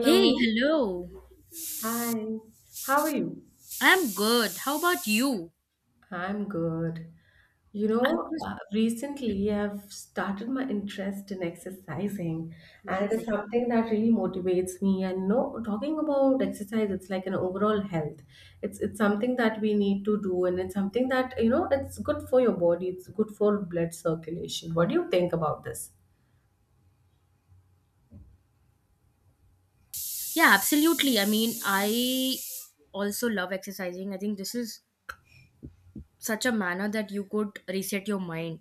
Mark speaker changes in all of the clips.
Speaker 1: Hey, hello.
Speaker 2: Hi. How are you?
Speaker 1: I'm good. How about you?
Speaker 2: I'm good.
Speaker 1: I was
Speaker 2: Recently I've started my interest in exercising, and it is
Speaker 1: amazing.
Speaker 2: something that really motivates me. And you know, talking about exercise, it's like an overall health. It's something that we need to do, and it's something that, you know, it's good for your body, it's good for blood circulation. What do you think about this?
Speaker 1: Yeah, absolutely. I mean, I also love exercising. I think this is such a manner that you could reset your mind.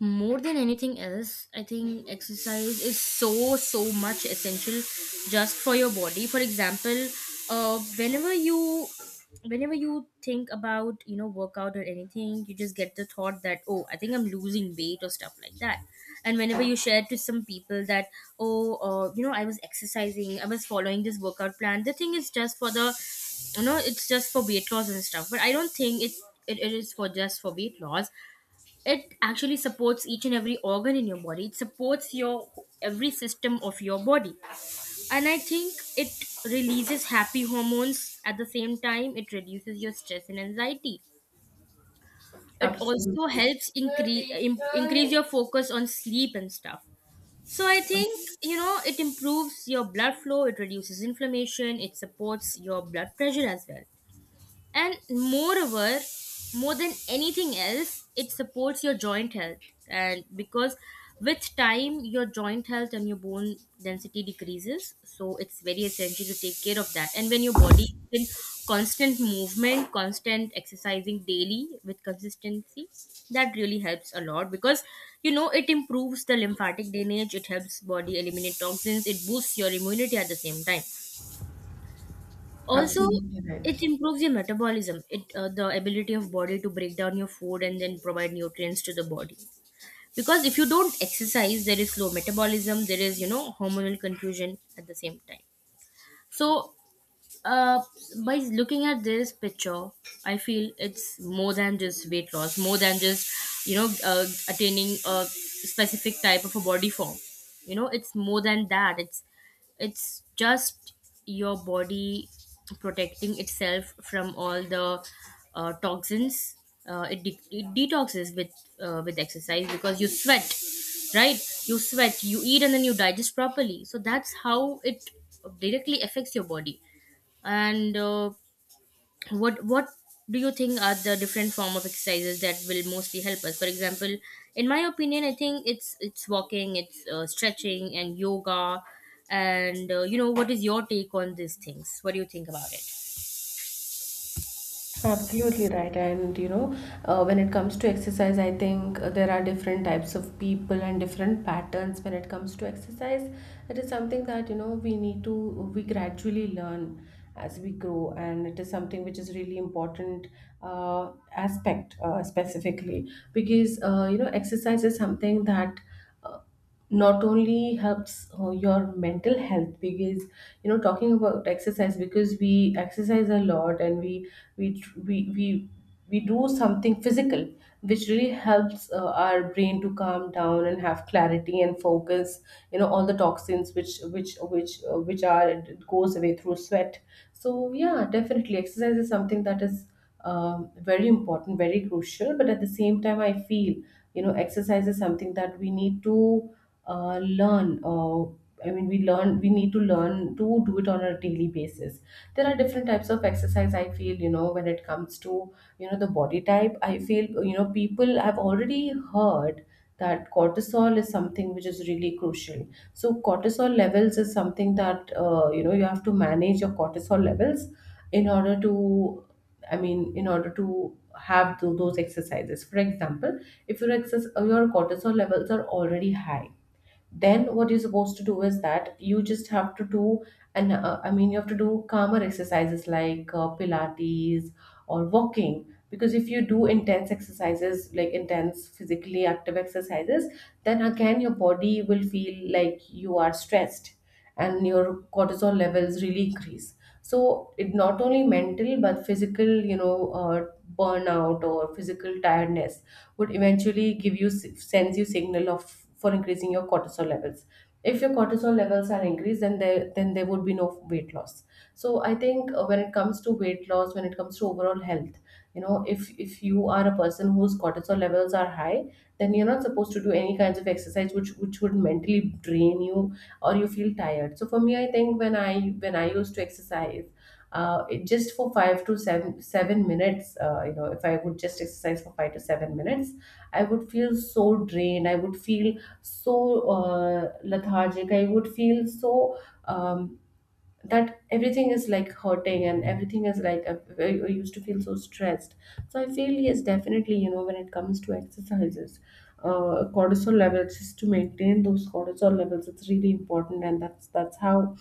Speaker 1: More than anything else, I think exercise is so much essential just for your body. For example, uh whenever you whenever you think about, you know, workout or anything, you just get the thought that, oh, I think I'm losing weight or stuff like that. And whenever you share to some people that, oh, you know, I was exercising, I was following this workout plan, the thing is just for the, you know, it's just for weight loss and stuff, but I don't think it is for just for weight loss. It actually supports each and every organ in your body. It supports your every system of your body. And I think it releases happy hormones. At the same time, it reduces your stress and anxiety. It also
Speaker 2: Absolutely.
Speaker 1: helps increase increase your focus on sleep and stuff. So I think, you know, it improves your blood flow, it reduces inflammation, it supports your blood pressure as well. And moreover, more than anything else, it supports your joint health. And because with time, your joint health and your bone density decreases. So it's very essential to take care of that. And when your body is in constant movement, constant exercising daily with consistency, that really helps a lot because, you know, it improves the lymphatic drainage, it helps body eliminate toxins, it boosts your immunity at the same time, also
Speaker 2: Absolutely right.
Speaker 1: it improves your metabolism. It the ability of body to break down your food and then provide nutrients to the body, because if you don't exercise, there is slow metabolism, there is, you know, hormonal confusion at the same time. So uh, by looking at this picture, I feel it's more than just weight loss, more than just, you know, attaining a specific type of a body form. You know, it's more than that. It's just your body protecting itself from all the toxins. It detoxes with exercise because you sweat, right? You sweat, you eat, and then you digest properly. So that's how it directly affects your body. And what do you think are the different form of exercises that will mostly help us? For example, in my opinion, I think it's walking, it's stretching, and yoga. And you know, what is your take on these things? What do you think about it?
Speaker 2: Absolutely right. And you know, when it comes to exercise, I think there are different types of people and different patterns when it comes to exercise. It is something that you know we need to we gradually learn as we grow, and it is something which is really important aspect specifically, because you know exercise is something that uh, not only helps your mental health, because you know talking about exercise, because we exercise a lot and we tr- we do something physical which really helps our brain to calm down and have clarity and focus. You know all the toxins which are it goes away through sweat. So yeah, definitely exercise is something that is very important, very crucial. But at the same time, I feel you know exercise is something that we need to learn. I mean, we learn. We need to learn to do it on a daily basis. There are different types of exercise. I feel you know when it comes to you know the body type. I feel you know people have already heard that cortisol is something which is really crucial. So cortisol levels is something that you know you have to manage your cortisol levels in order to, I mean, in order to have those exercises. For example, if your excess, your cortisol levels are already high, then what you're supposed to do is that you just have to do, and I mean you have to do calmer exercises like pilates or walking, because if you do intense exercises like intense physically active exercises, then again your body will feel like you are stressed and your cortisol levels really increase. So it not only mental but physical, you know, burnout or physical tiredness would eventually give you sends you signal of for increasing your cortisol levels. If your cortisol levels are increased, then there would be no weight loss. So I think when it comes to weight loss, when it comes to overall health, you know if you are a person whose cortisol levels are high, then you're not supposed to do any kinds of exercise which would mentally drain you or you feel tired. So for me I think when I used to exercise, just for five to seven minutes, you know if I would just exercise for 5 to 7 minutes I would feel so drained, I would feel so lethargic, I would feel so um, that everything is like hurting and everything is like I used to feel so stressed. So I feel yes, definitely, you know, when it comes to exercises, cortisol levels, just to maintain those cortisol levels, it's really important, and that's how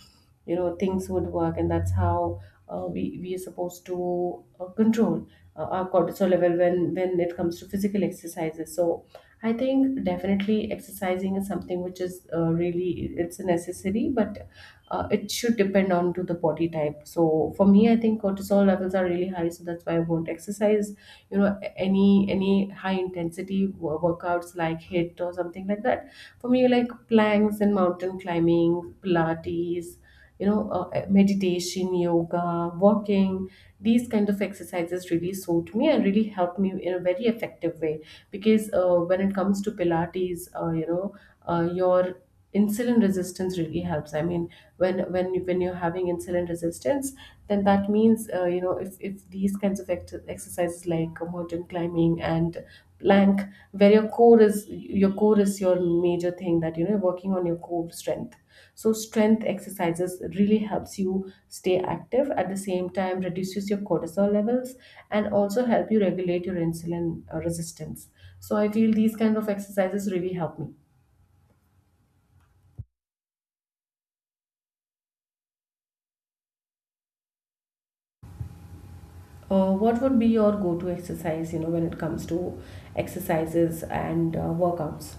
Speaker 2: you know things would work, and that's how we are supposed to control our cortisol level when it comes to physical exercises. So I think definitely exercising is something which is really it's a necessary, but it should depend on to the body type. So for me I think cortisol levels are really high, so that's why I won't exercise you know any high intensity workouts like hit or something like that. For me like planks and mountain climbing, pilates, you know, meditation, yoga, walking, these kind of exercises really suit me and really help me in a very effective way. Because when it comes to pilates, you know, your insulin resistance really helps. I mean, when you're having insulin resistance, then that means you know if these kinds of exercises like mountain climbing and plank, where your core is your major thing that you know you're working on your core strength, so strength exercises really helps you stay active at the same time reduces your cortisol levels and also help you regulate your insulin resistance. So I feel these kind of exercises really help me. What would be your go-to exercise, you know, when it comes to exercises and workouts?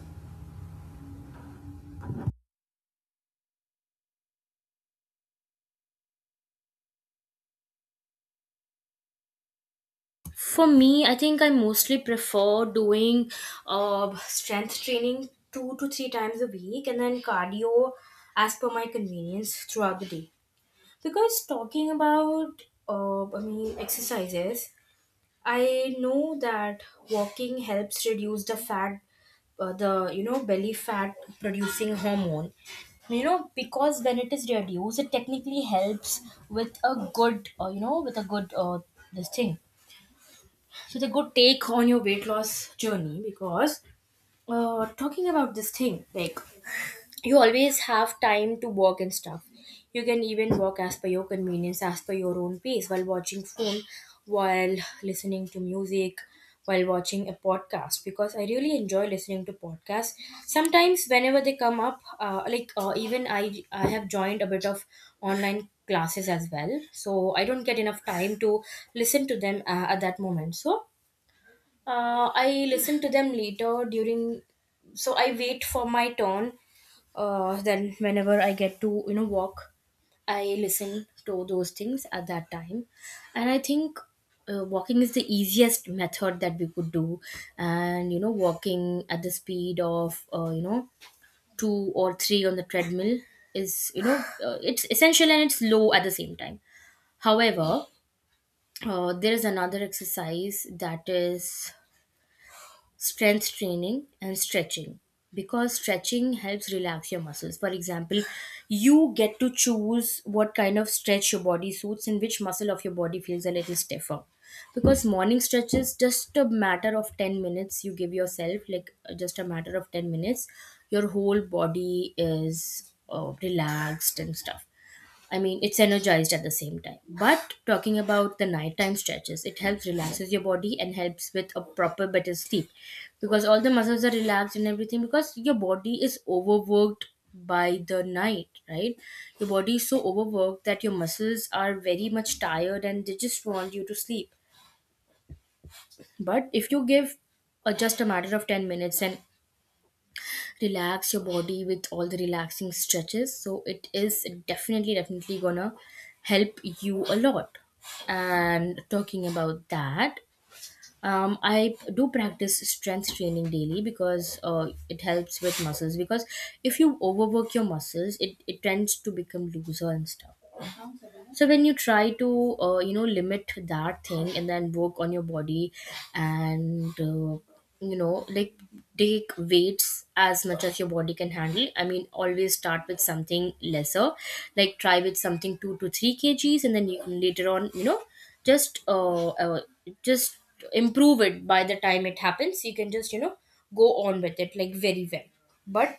Speaker 1: For me, I think I mostly prefer doing strength training two to three times a week, and then cardio as per my convenience throughout the day. Because talking about, I mean, exercises, I know that walking helps reduce the fat, the, you know, belly fat producing hormone. You know, because when it is reduced, it technically helps with a good, you know, with a good this thing. So the good take on your weight loss journey. Because talking about this thing, like, you always have time to work and stuff. You can even work as per your convenience, as per your own pace, while watching phone, while listening to music, while watching a podcast, because I really enjoy listening to podcasts. Sometimes whenever they come up, even I have joined a bit of online classes as well, so I don't get enough time to listen to them at that moment. So I listen to them later during, so I wait for my turn. Then whenever I get to, you know, walk, I listen to those things at that time. And I think walking is the easiest method that we could do. And you know, walking at the speed of, you know, two or three on the treadmill is, you know, it's essential and it's low at the same time. However, there is another exercise that is strength training and stretching, because stretching helps relax your muscles. For example, you get to choose what kind of stretch your body suits and which muscle of your body feels a little stiffer. Because morning stretch is just a matter of 10 minutes. You give yourself like, just a matter of 10 minutes, your whole body is relaxed and stuff. I mean, it's energized at the same time. But talking about the nighttime stretches, it helps relaxes your body and helps with a proper better sleep, because all the muscles are relaxed and everything, because your body is overworked by the night, right? Your body is so overworked that your muscles are very much tired and they just want you to sleep. But if you give just a matter of 10 minutes and relax your body with all the relaxing stretches, so it is definitely, definitely gonna help you a lot. And talking about that, I do practice strength training daily, because it helps with muscles. Because if you overwork your muscles, it tends to become looser and stuff. So when you try to, you know, limit that thing and then work on your body, and you know, like, take weights as much as your body can handle. I mean, always start with something lesser, like try with something 2 to 3 kgs, and then you can later on, you know, just uh, uh just improve it. By the time it happens, you can just, you know, go on with it, like, very well. But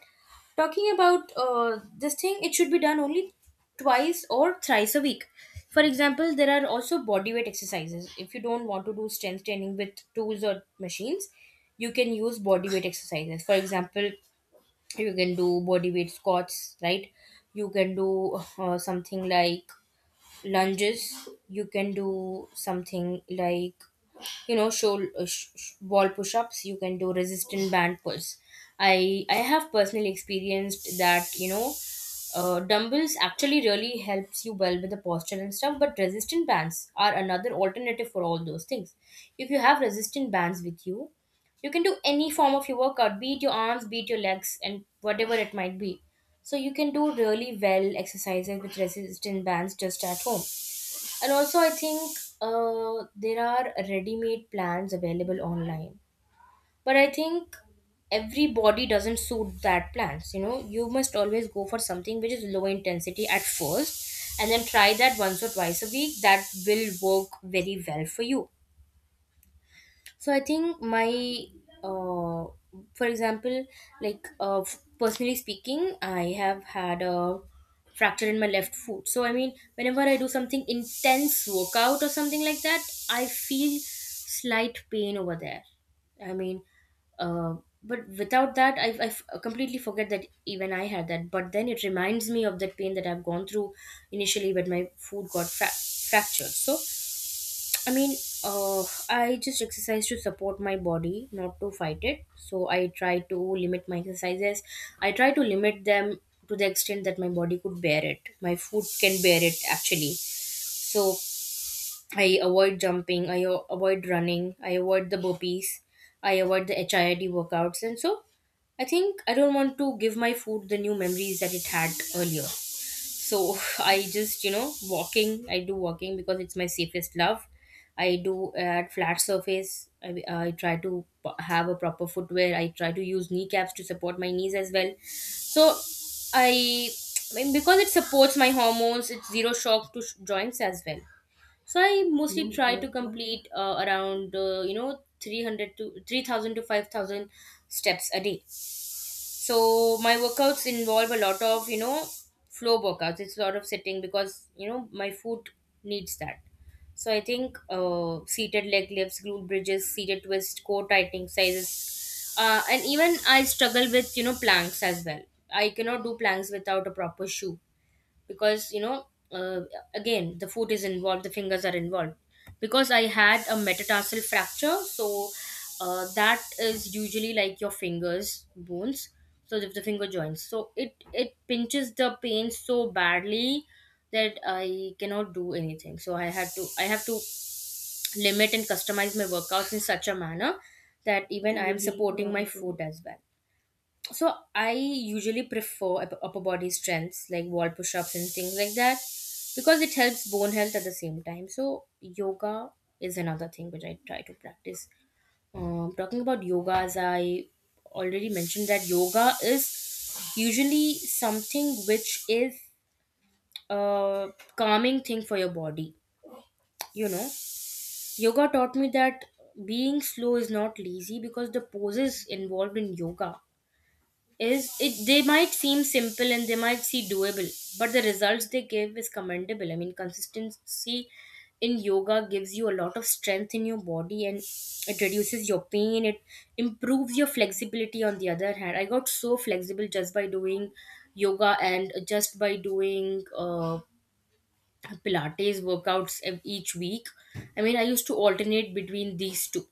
Speaker 1: talking about, this thing, it should be done only twice or thrice a week. For example, there are also body weight exercises. If you don't want to do strength training with tools or machines, you can use body weight exercises. For example, you can do body weight squats, right? You can do something like lunges. You can do something like, you know, wall push-ups, you can do resistant band pulls. I have personally experienced that, you know, dumbbells actually really helps you well with the posture and stuff, but resistant bands are another alternative for all those things. If you have resistant bands with you, you can do any form of your workout, beat your arms, beat your legs, and whatever it might be. So you can do really well exercises with resistance bands just at home. And also I think there are ready-made plans available online, but I think every body doesn't suit that plans. You know, you must always go for something which is low intensity at first, and then try that once or twice a week. That will work very well for you. So I think my uh, for example, like, personally speaking, I have had a fracture in my left foot, so I mean, whenever I do something intense workout or something like that, I feel slight pain over there. I mean, uh, but without that, I completely forget that even I had that, but then it reminds me of that pain that I've gone through initially when my foot got fractured. So I mean, uh, I just exercise to support my body, not to fight it. So I try to limit my exercises. I try to limit them to the extent that my body could bear it. My food can bear it, actually. So I avoid jumping. Avoid running. I avoid the burpees. I avoid the HIIT workouts. And so I think I don't want to give my food the new memories that it had earlier. So I just, you know, walking, I do walking because it's my safest love. I do at flat surface. I try to have a proper footwear. I try to use kneecaps to support my knees as well. So i, I mean, because it supports my hormones. It's zero shock to joints as well. So I mostly try to complete, around, you know, 300 to 3,000 to 5,000 steps a day. So my workouts involve a lot of, you know, floor workouts. It's a lot of sitting because, you know, my foot needs that. So I think seated leg lifts, glute bridges, seated twist, core tightening sizes, and even I struggle with, you know, planks as well. I cannot do planks without a proper shoe because again the foot is involved, the fingers are involved because I had a metatarsal fracture. So that is usually like your finger's bones. So if the finger joints, so it pinches the pain so badly that I cannot do anything. So I have to limit and customize my workouts in such a manner that even I am supporting my foot as well. So I usually prefer upper body strengths like wall push-ups and things like that because it helps bone health at the same time. So yoga is another thing which I try to practice. Talking about yoga, as I already mentioned that yoga is usually something which is a calming thing for your body, you know. Yoga taught me that being slow is not lazy because the poses involved in yoga, is it they might seem simple and they might seem doable, but the results they give is commendable. I mean, consistency in yoga gives you a lot of strength in your body, and it reduces your pain, it improves your flexibility. On the other hand, I got so flexible just by doing yoga and just by doing pilates workouts each week. I mean, I used to alternate between these two,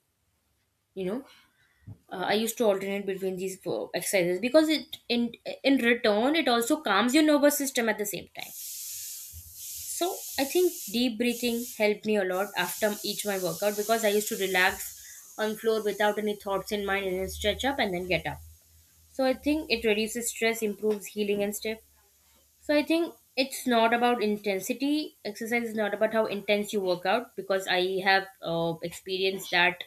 Speaker 1: you know. I used to alternate between these four exercises because it in return it also calms your nervous system at the same time. So I think deep breathing helped me a lot after each my workout because I used to relax on floor without any thoughts in mind, and then stretch up and then get up. So I think it reduces stress, improves healing and stuff. So I think it's not about intensity. Exercise is not about how intense you work out, because I have experienced that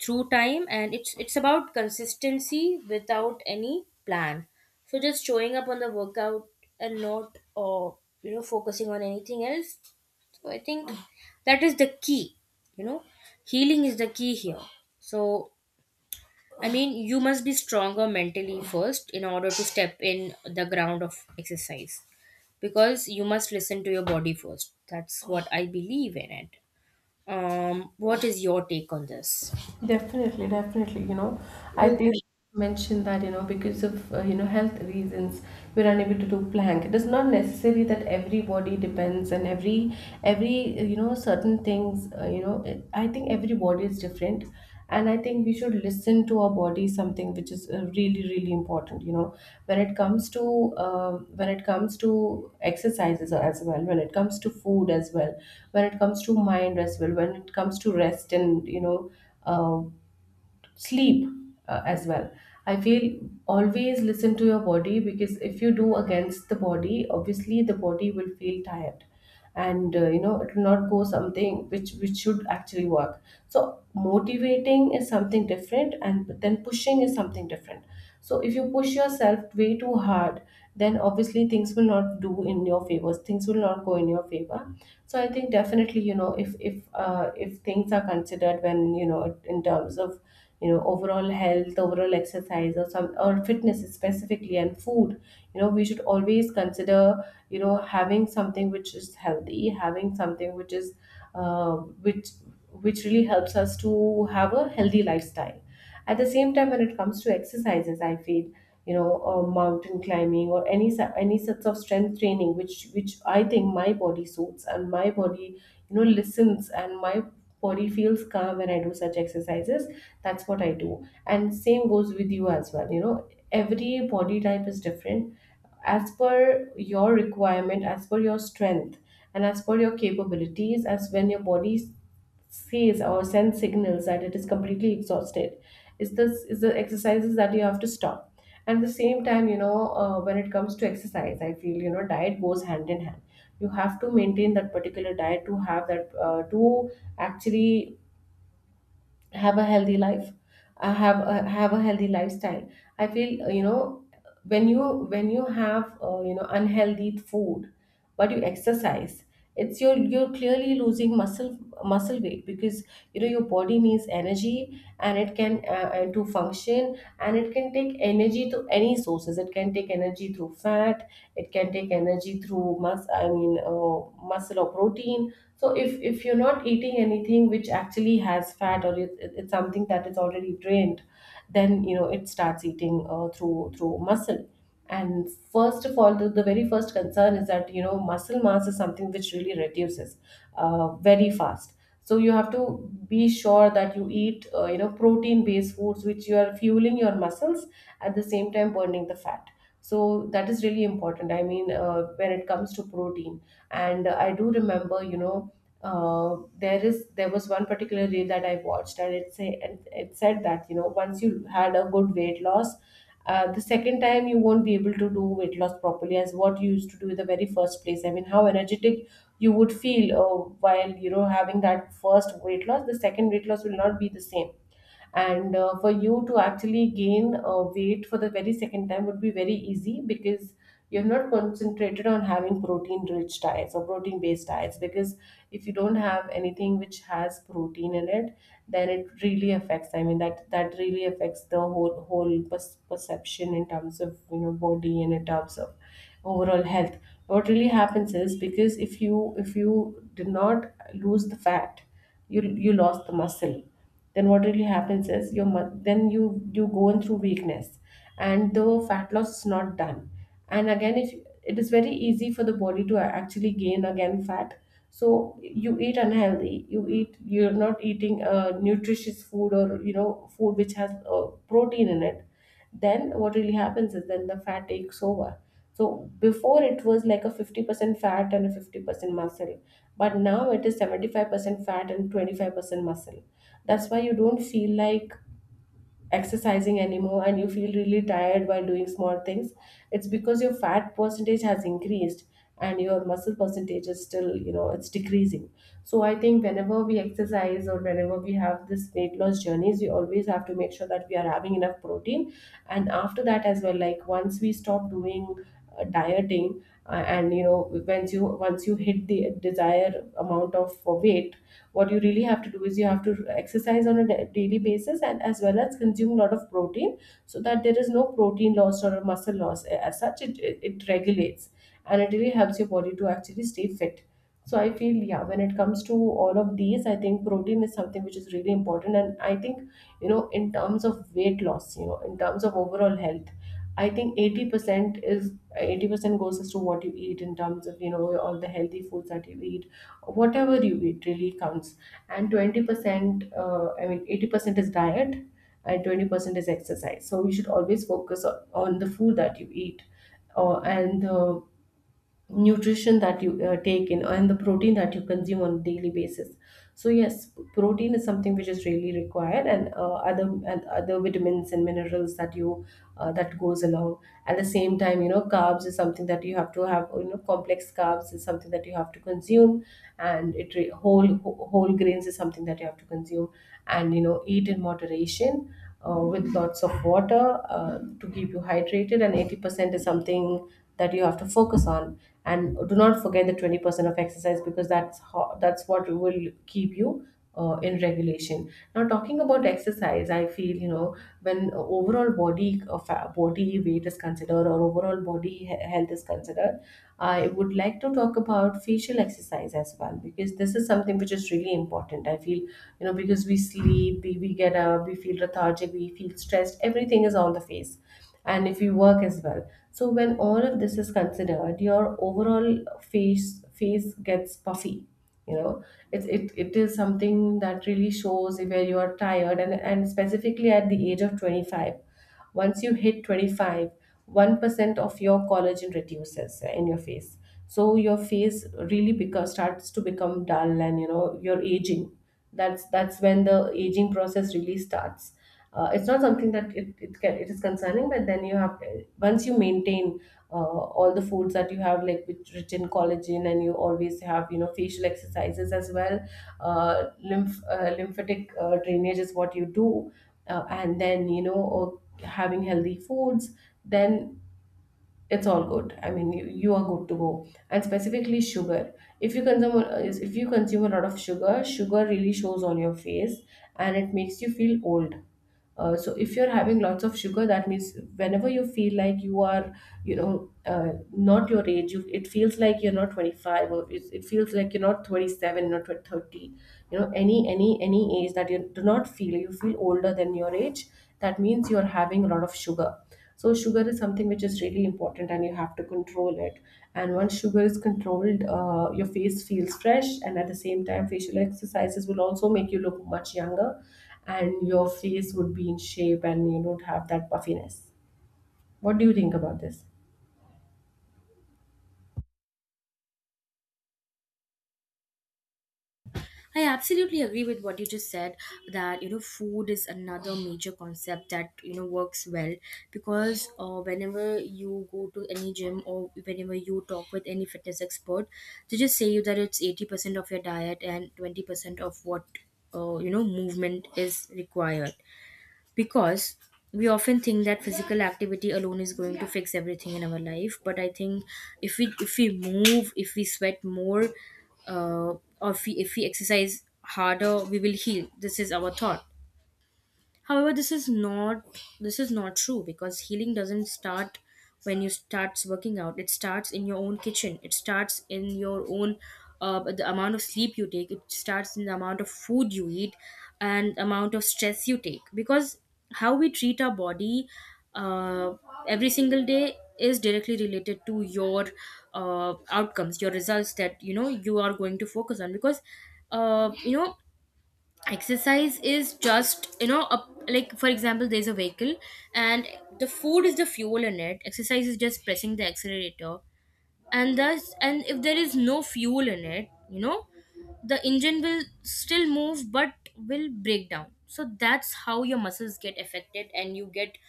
Speaker 1: through time, and it's about consistency without any plan. So just showing up on the workout and not focusing on anything else. So I think that is the key. You know, healing is the key here. So I mean, you must be stronger mentally first in order to step in the ground of exercise, because you must listen to your body first. That's what I believe in it. What is your take on this?
Speaker 2: Definitely, definitely. You know, I think.
Speaker 1: Absolutely.
Speaker 2: Mentioned that you know because of you know health reasons we're unable to do plank, it is not necessary that every body depends and every you know certain things, you know it, I think every body is different, and I think we should listen to our body, something which is really really important. You know, when it comes to when it comes to exercises as well, when it comes to food as well, when it comes to mind as well, when it comes to rest and you know uh, sleep as well, I feel always listen to your body, because if you do against the body obviously the body will feel tired, and you know it will not go something which should actually work. So motivating is something different and but then pushing is something different. So if you push yourself way too hard, then obviously things will not do in your favor, things will not go in your favor. So I think definitely you know if things are considered when you know in terms of you know overall health, overall exercise or some or fitness specifically, and food, you know we should always consider you know having something which is healthy, having something which is uh, which which really helps us to have a healthy lifestyle. At the same time, when it comes to exercises, I feel you know mountain climbing or any any sorts of strength training, which I think my body suits, and my body, you know, listens, and my body feels calm when I do such exercises. That's what I do, and same goes with you as well. You know, every body type is different as per your requirement, as per your strength, and as per your capabilities, as when your body sees or sends signals that it is completely exhausted, is this is the exercises that you have to stop. And at the same time you know when it comes to exercise I feel you know diet goes hand in hand. You have to maintain that particular diet to have that to actually have a healthy life, have have a healthy lifestyle. I feel you know when you when you have you know unhealthy food but you exercise, it's your you're clearly losing muscle weight, because you know your body needs energy, and it can and to function, and it can take energy to any sources, it can take energy through fat, it can take energy through muscle or protein. So if you're not eating anything which actually has fat, or it's something that is already drained, then you know it starts eating through muscle. And first of all, the very first concern is that you know muscle mass is something which really reduces very fast. So you have to be sure that you eat you know protein based foods, which you are fueling your muscles at the same time burning the fat. So that is really important, I mean when it comes to protein. And I do remember, you know, there was one particular reel that I watched, and it say and it said that you know once you had a good weight loss, the second time you won't be able to do weight loss properly as what you used to do in the very first place. I mean, how energetic you would feel while having that first weight loss, the second weight loss will not be the same. And for you to actually gain weight for the very second time would be very easy, because you're not concentrated on having protein rich diets or protein based diets. Because if you don't have anything which has protein in it, then it really affects. I mean, that really affects the whole perception in terms of body and in terms of overall health. What really happens is, because if you did not lose the fat, you lost the muscle, then what really happens is your mu- then you go in through weakness and the fat loss is not done. And again, if it is very easy for the body to actually gain again fat. So you eat unhealthy, you eat, you're not eating nutritious food, or food which has protein in it, then what really happens is then the fat takes over. So before it was like a 50% fat and a 50% muscle, but now it is 75% fat and 25% muscle. That's why you don't feel like exercising anymore, and you feel really tired while doing small things. It's because your fat percentage has increased and your muscle percentage is still, it's decreasing. So I think whenever we exercise, or whenever we have this weight loss journeys, we always have to make sure that we are having enough protein. And after that as well, like once we stop doing dieting, and once you hit the desired amount of weight, what you really have to do is you have to exercise on a daily basis, and as well as consume a lot of protein, so that there is no protein loss or muscle loss as such. It regulates and it really helps your body to actually stay fit. So I feel, yeah, when it comes to all of these, I think protein is something which is really important. And I think in terms of weight loss, in terms of overall health, I think 80% goes as to what you eat, in terms of all the healthy foods that you eat. Whatever you eat really counts. And 20% uh, i mean 80% is diet and 20% is exercise. So you should always focus on the food that you eat, and nutrition that you take in, and the protein that you consume on a daily basis. So yes, protein is something which is really required, and other vitamins and minerals that you that goes along. At the same time, carbs is something that you have to have. Complex carbs is something that you have to consume. And it re- whole wh- whole grains is something that you have to consume, and eat in moderation, with lots of water, to keep you hydrated. And 80% is something that you have to focus on, and do not forget the 20% of exercise, because that's what will keep you in regulation. Now, talking about exercise, I feel, when overall body body weight is considered, or overall health is considered, I would like to talk about facial exercise as well, because this is something which is really important. I feel, because we sleep, we get up, we feel lethargic, we feel stressed, everything is on the face. And if you work as well, so when all of this is considered, your overall face gets puffy, you know it is something that really shows where you are tired. And specifically at the age of 25, once you hit 25, 1% of your collagen reduces in your face. So your face really becomes starts to become dull, and you're aging. That's when the aging process really starts. It's not something that it is concerning, but then you have, once you maintain all the foods that you have, like which rich in collagen, and you always have facial exercises as well, lymph lymphatic drainage is what you do, and then having healthy foods, then it's all good. I mean, you are good to go. And specifically sugar, if you consume, if you consume a lot of sugar, sugar really shows on your face and it makes you feel old. So if you're having lots of sugar, that means whenever you feel like you are you know uh, not your age, you, it feels like you're not 25, or it feels like you're not 27, not 30. Any age that you do not feel, you feel older than your age, that means you're having a lot of sugar. So sugar is something which is really important, and you have to control it. And once sugar is controlled, your face feels fresh, and at the same time, facial exercises will also make you look much younger, and your face would be in shape, and you don't have that puffiness. What do you think about this?
Speaker 1: I absolutely agree with what you just said that, you know, food is another major concept that, you know, works well. Because whenever you go to any gym, or whenever you talk with any fitness expert, they just say you that it's 80% of your diet and 20% of what you know, movement is required. Because we often think that physical activity alone is going to fix everything in our life, but I think if we move, if we sweat more, uh, or if we exercise harder, we will heal. This is our thought. However, this is not, this is not true, because healing doesn't start when you starts working out. It starts in your own kitchen. It starts in your own the amount of sleep you take. It starts in the amount of food you eat and amount of stress you take. Because how we treat our body uh, every single day is directly related to your outcomes, your results that, you know, you are going to focus on. Because uh, you know exercise is just, you know, a, like for example there's a vehicle, and the food is the fuel in it, exercise is just pressing the accelerator. And thus, and if there is no fuel in it, you know, the engine will still move but will break down. So that's how your muscles get affected, and you get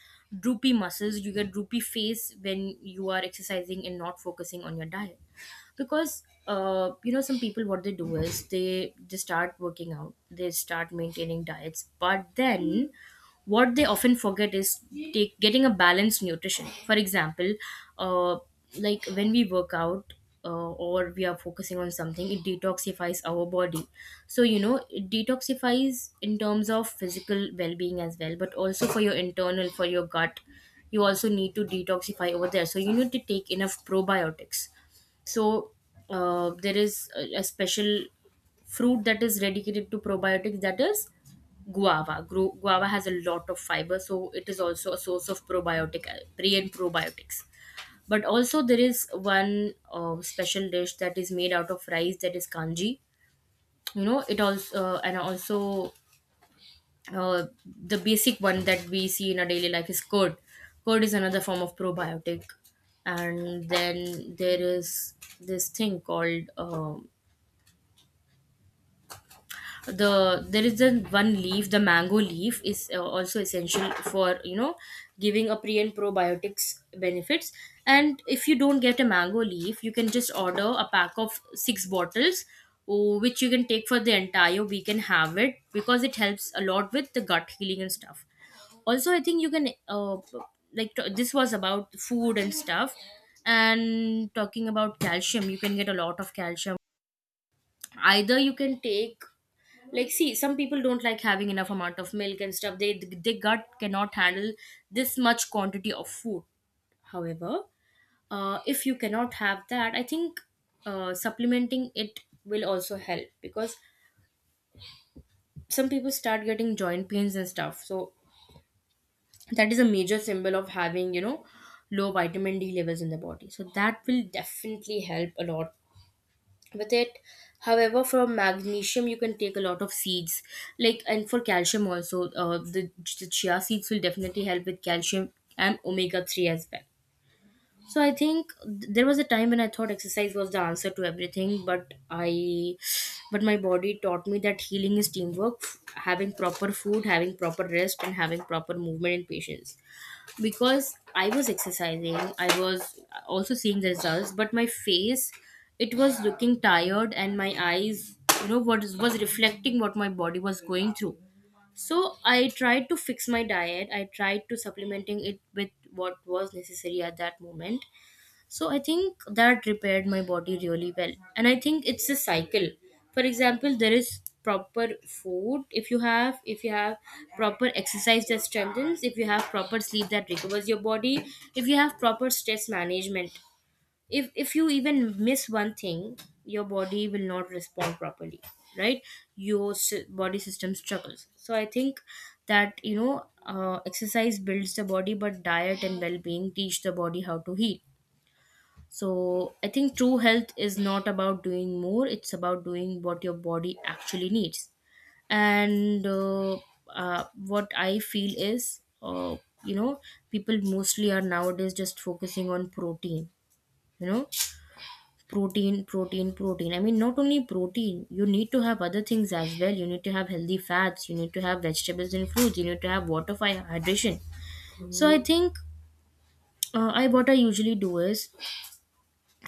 Speaker 1: droopy muscles, you get droopy face when you are exercising and not focusing on your diet. Because you know, some people, what they do is they start working out, they start maintaining diets, but then what they often forget is take, getting a balanced nutrition. For example, uh, like when we work out, or we are focusing on something, it detoxifies our body. So, you know, it detoxifies in terms of physical well being as well, but also for your internal, for your gut. You also need to detoxify over there. So you need to take enough probiotics. So there is a special fruit that is dedicated to probiotics, that is guava. Guava has a lot of fiber, so it is also a source of probiotic, pre and probiotics. But also, there is one special dish that is made out of rice, that is kanji. You know, it also, and also the basic one that we see in our daily life is curd. Curd is another form of probiotic. And then there is this thing called there is the one leaf, the mango leaf, is also essential for, you know, giving a pre and probiotics benefits. And if you don't get a mango leaf, you can just order a pack of six bottles which you can take for the entire week and have it, because it helps a lot with the gut healing and stuff. Also, I think you can like this was about food and stuff. And talking about calcium, you can get a lot of calcium. Either you can take, like, see some people don't like having enough amount of milk and stuff, they, their gut cannot handle this much quantity of food. However, if you cannot have that, I think supplementing it will also help. Because some people start getting joint pains and stuff, so that is a major symbol of having, you know, low vitamin D levels in the body. So that will definitely help a lot with it. However, from magnesium you can take a lot of seeds, like. And for calcium also, the chia seeds will definitely help with calcium and omega 3 as well. So I think there was a time when I thought exercise was the answer to everything, but I but my body taught me that healing is teamwork. Having proper food, having proper rest, and having proper movement and patience. Because I was exercising, I was also seeing the results, but my face, it was looking tired, and my eyes, you know, was reflecting what my body was going through. So I tried to fix my diet. I tried to supplementing it with what was necessary at that moment. So I think that repaired my body really well. And I think it's a cycle. For example, there is proper food, if you have, proper exercise that strengthens, if you have proper sleep that recovers your body, if you have proper stress management, if you even miss one thing, your body will not respond properly, right? Your body system struggles. So I think that, you know, exercise builds the body, but diet and well-being teach the body how to heal. So I think true health is not about doing more, it's about doing what your body actually needs. And what I feel is, you know, people mostly are nowadays just focusing on protein, you know, protein, protein, protein. I mean, not only protein, you need to have other things as well. You need to have healthy fats, you need to have vegetables and fruits, you need to have water for hydration. So I think I what I usually do is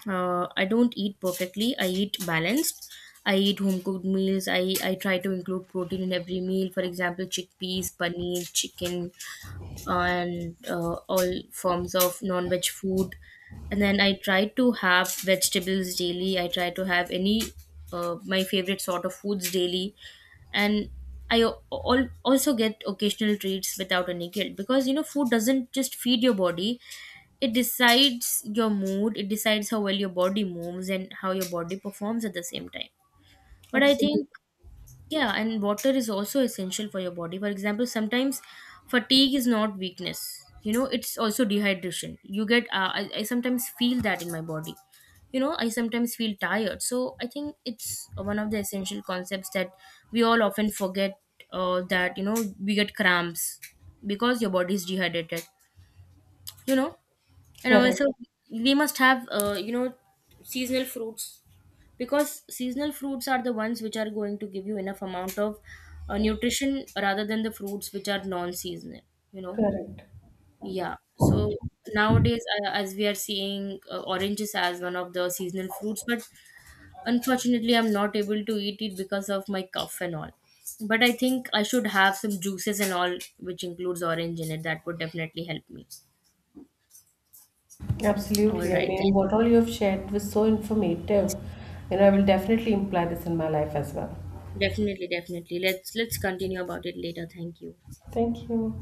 Speaker 1: I don't eat perfectly. I eat balanced. I eat home cooked meals. I try to include protein in every meal. For example, chickpeas, paneer, chicken, and all forms of non veg food. And then I try to have vegetables daily. I try to have any my favorite sort of foods daily. And I also get occasional treats without any guilt. Because you know food doesn't just feed your body, it decides your mood, it decides how well your body moves and how your body performs at the same time. But I
Speaker 2: Absolutely
Speaker 1: think yeah, and water is also essential for your body. For example, sometimes fatigue is not weakness, you know, it's also dehydration. You get I sometimes feel that in my body, you know, I sometimes feel tired. So I think it's one of the essential concepts that we all often forget, that you know we get cramps because your body is dehydrated, you know. And
Speaker 2: correct.
Speaker 1: also, we must have, you know, seasonal fruits, because seasonal fruits are the ones which are going to give you enough amount of nutrition rather than the fruits which are non-seasonal, you know.
Speaker 2: Correct.
Speaker 1: Yeah. So nowadays, as we are seeing oranges as one of the seasonal fruits, but unfortunately, I'm not able to eat it because of my cough and all. But I think I should have some juices and all, which includes orange in it. That would definitely help me. All
Speaker 2: Absolutely. I
Speaker 1: right,
Speaker 2: mean,
Speaker 1: then.
Speaker 2: what all you have shared was so informative. You know, I will definitely imply this in my life as well.
Speaker 1: Definitely, definitely. Let's continue about it later. Thank you.
Speaker 2: Thank you.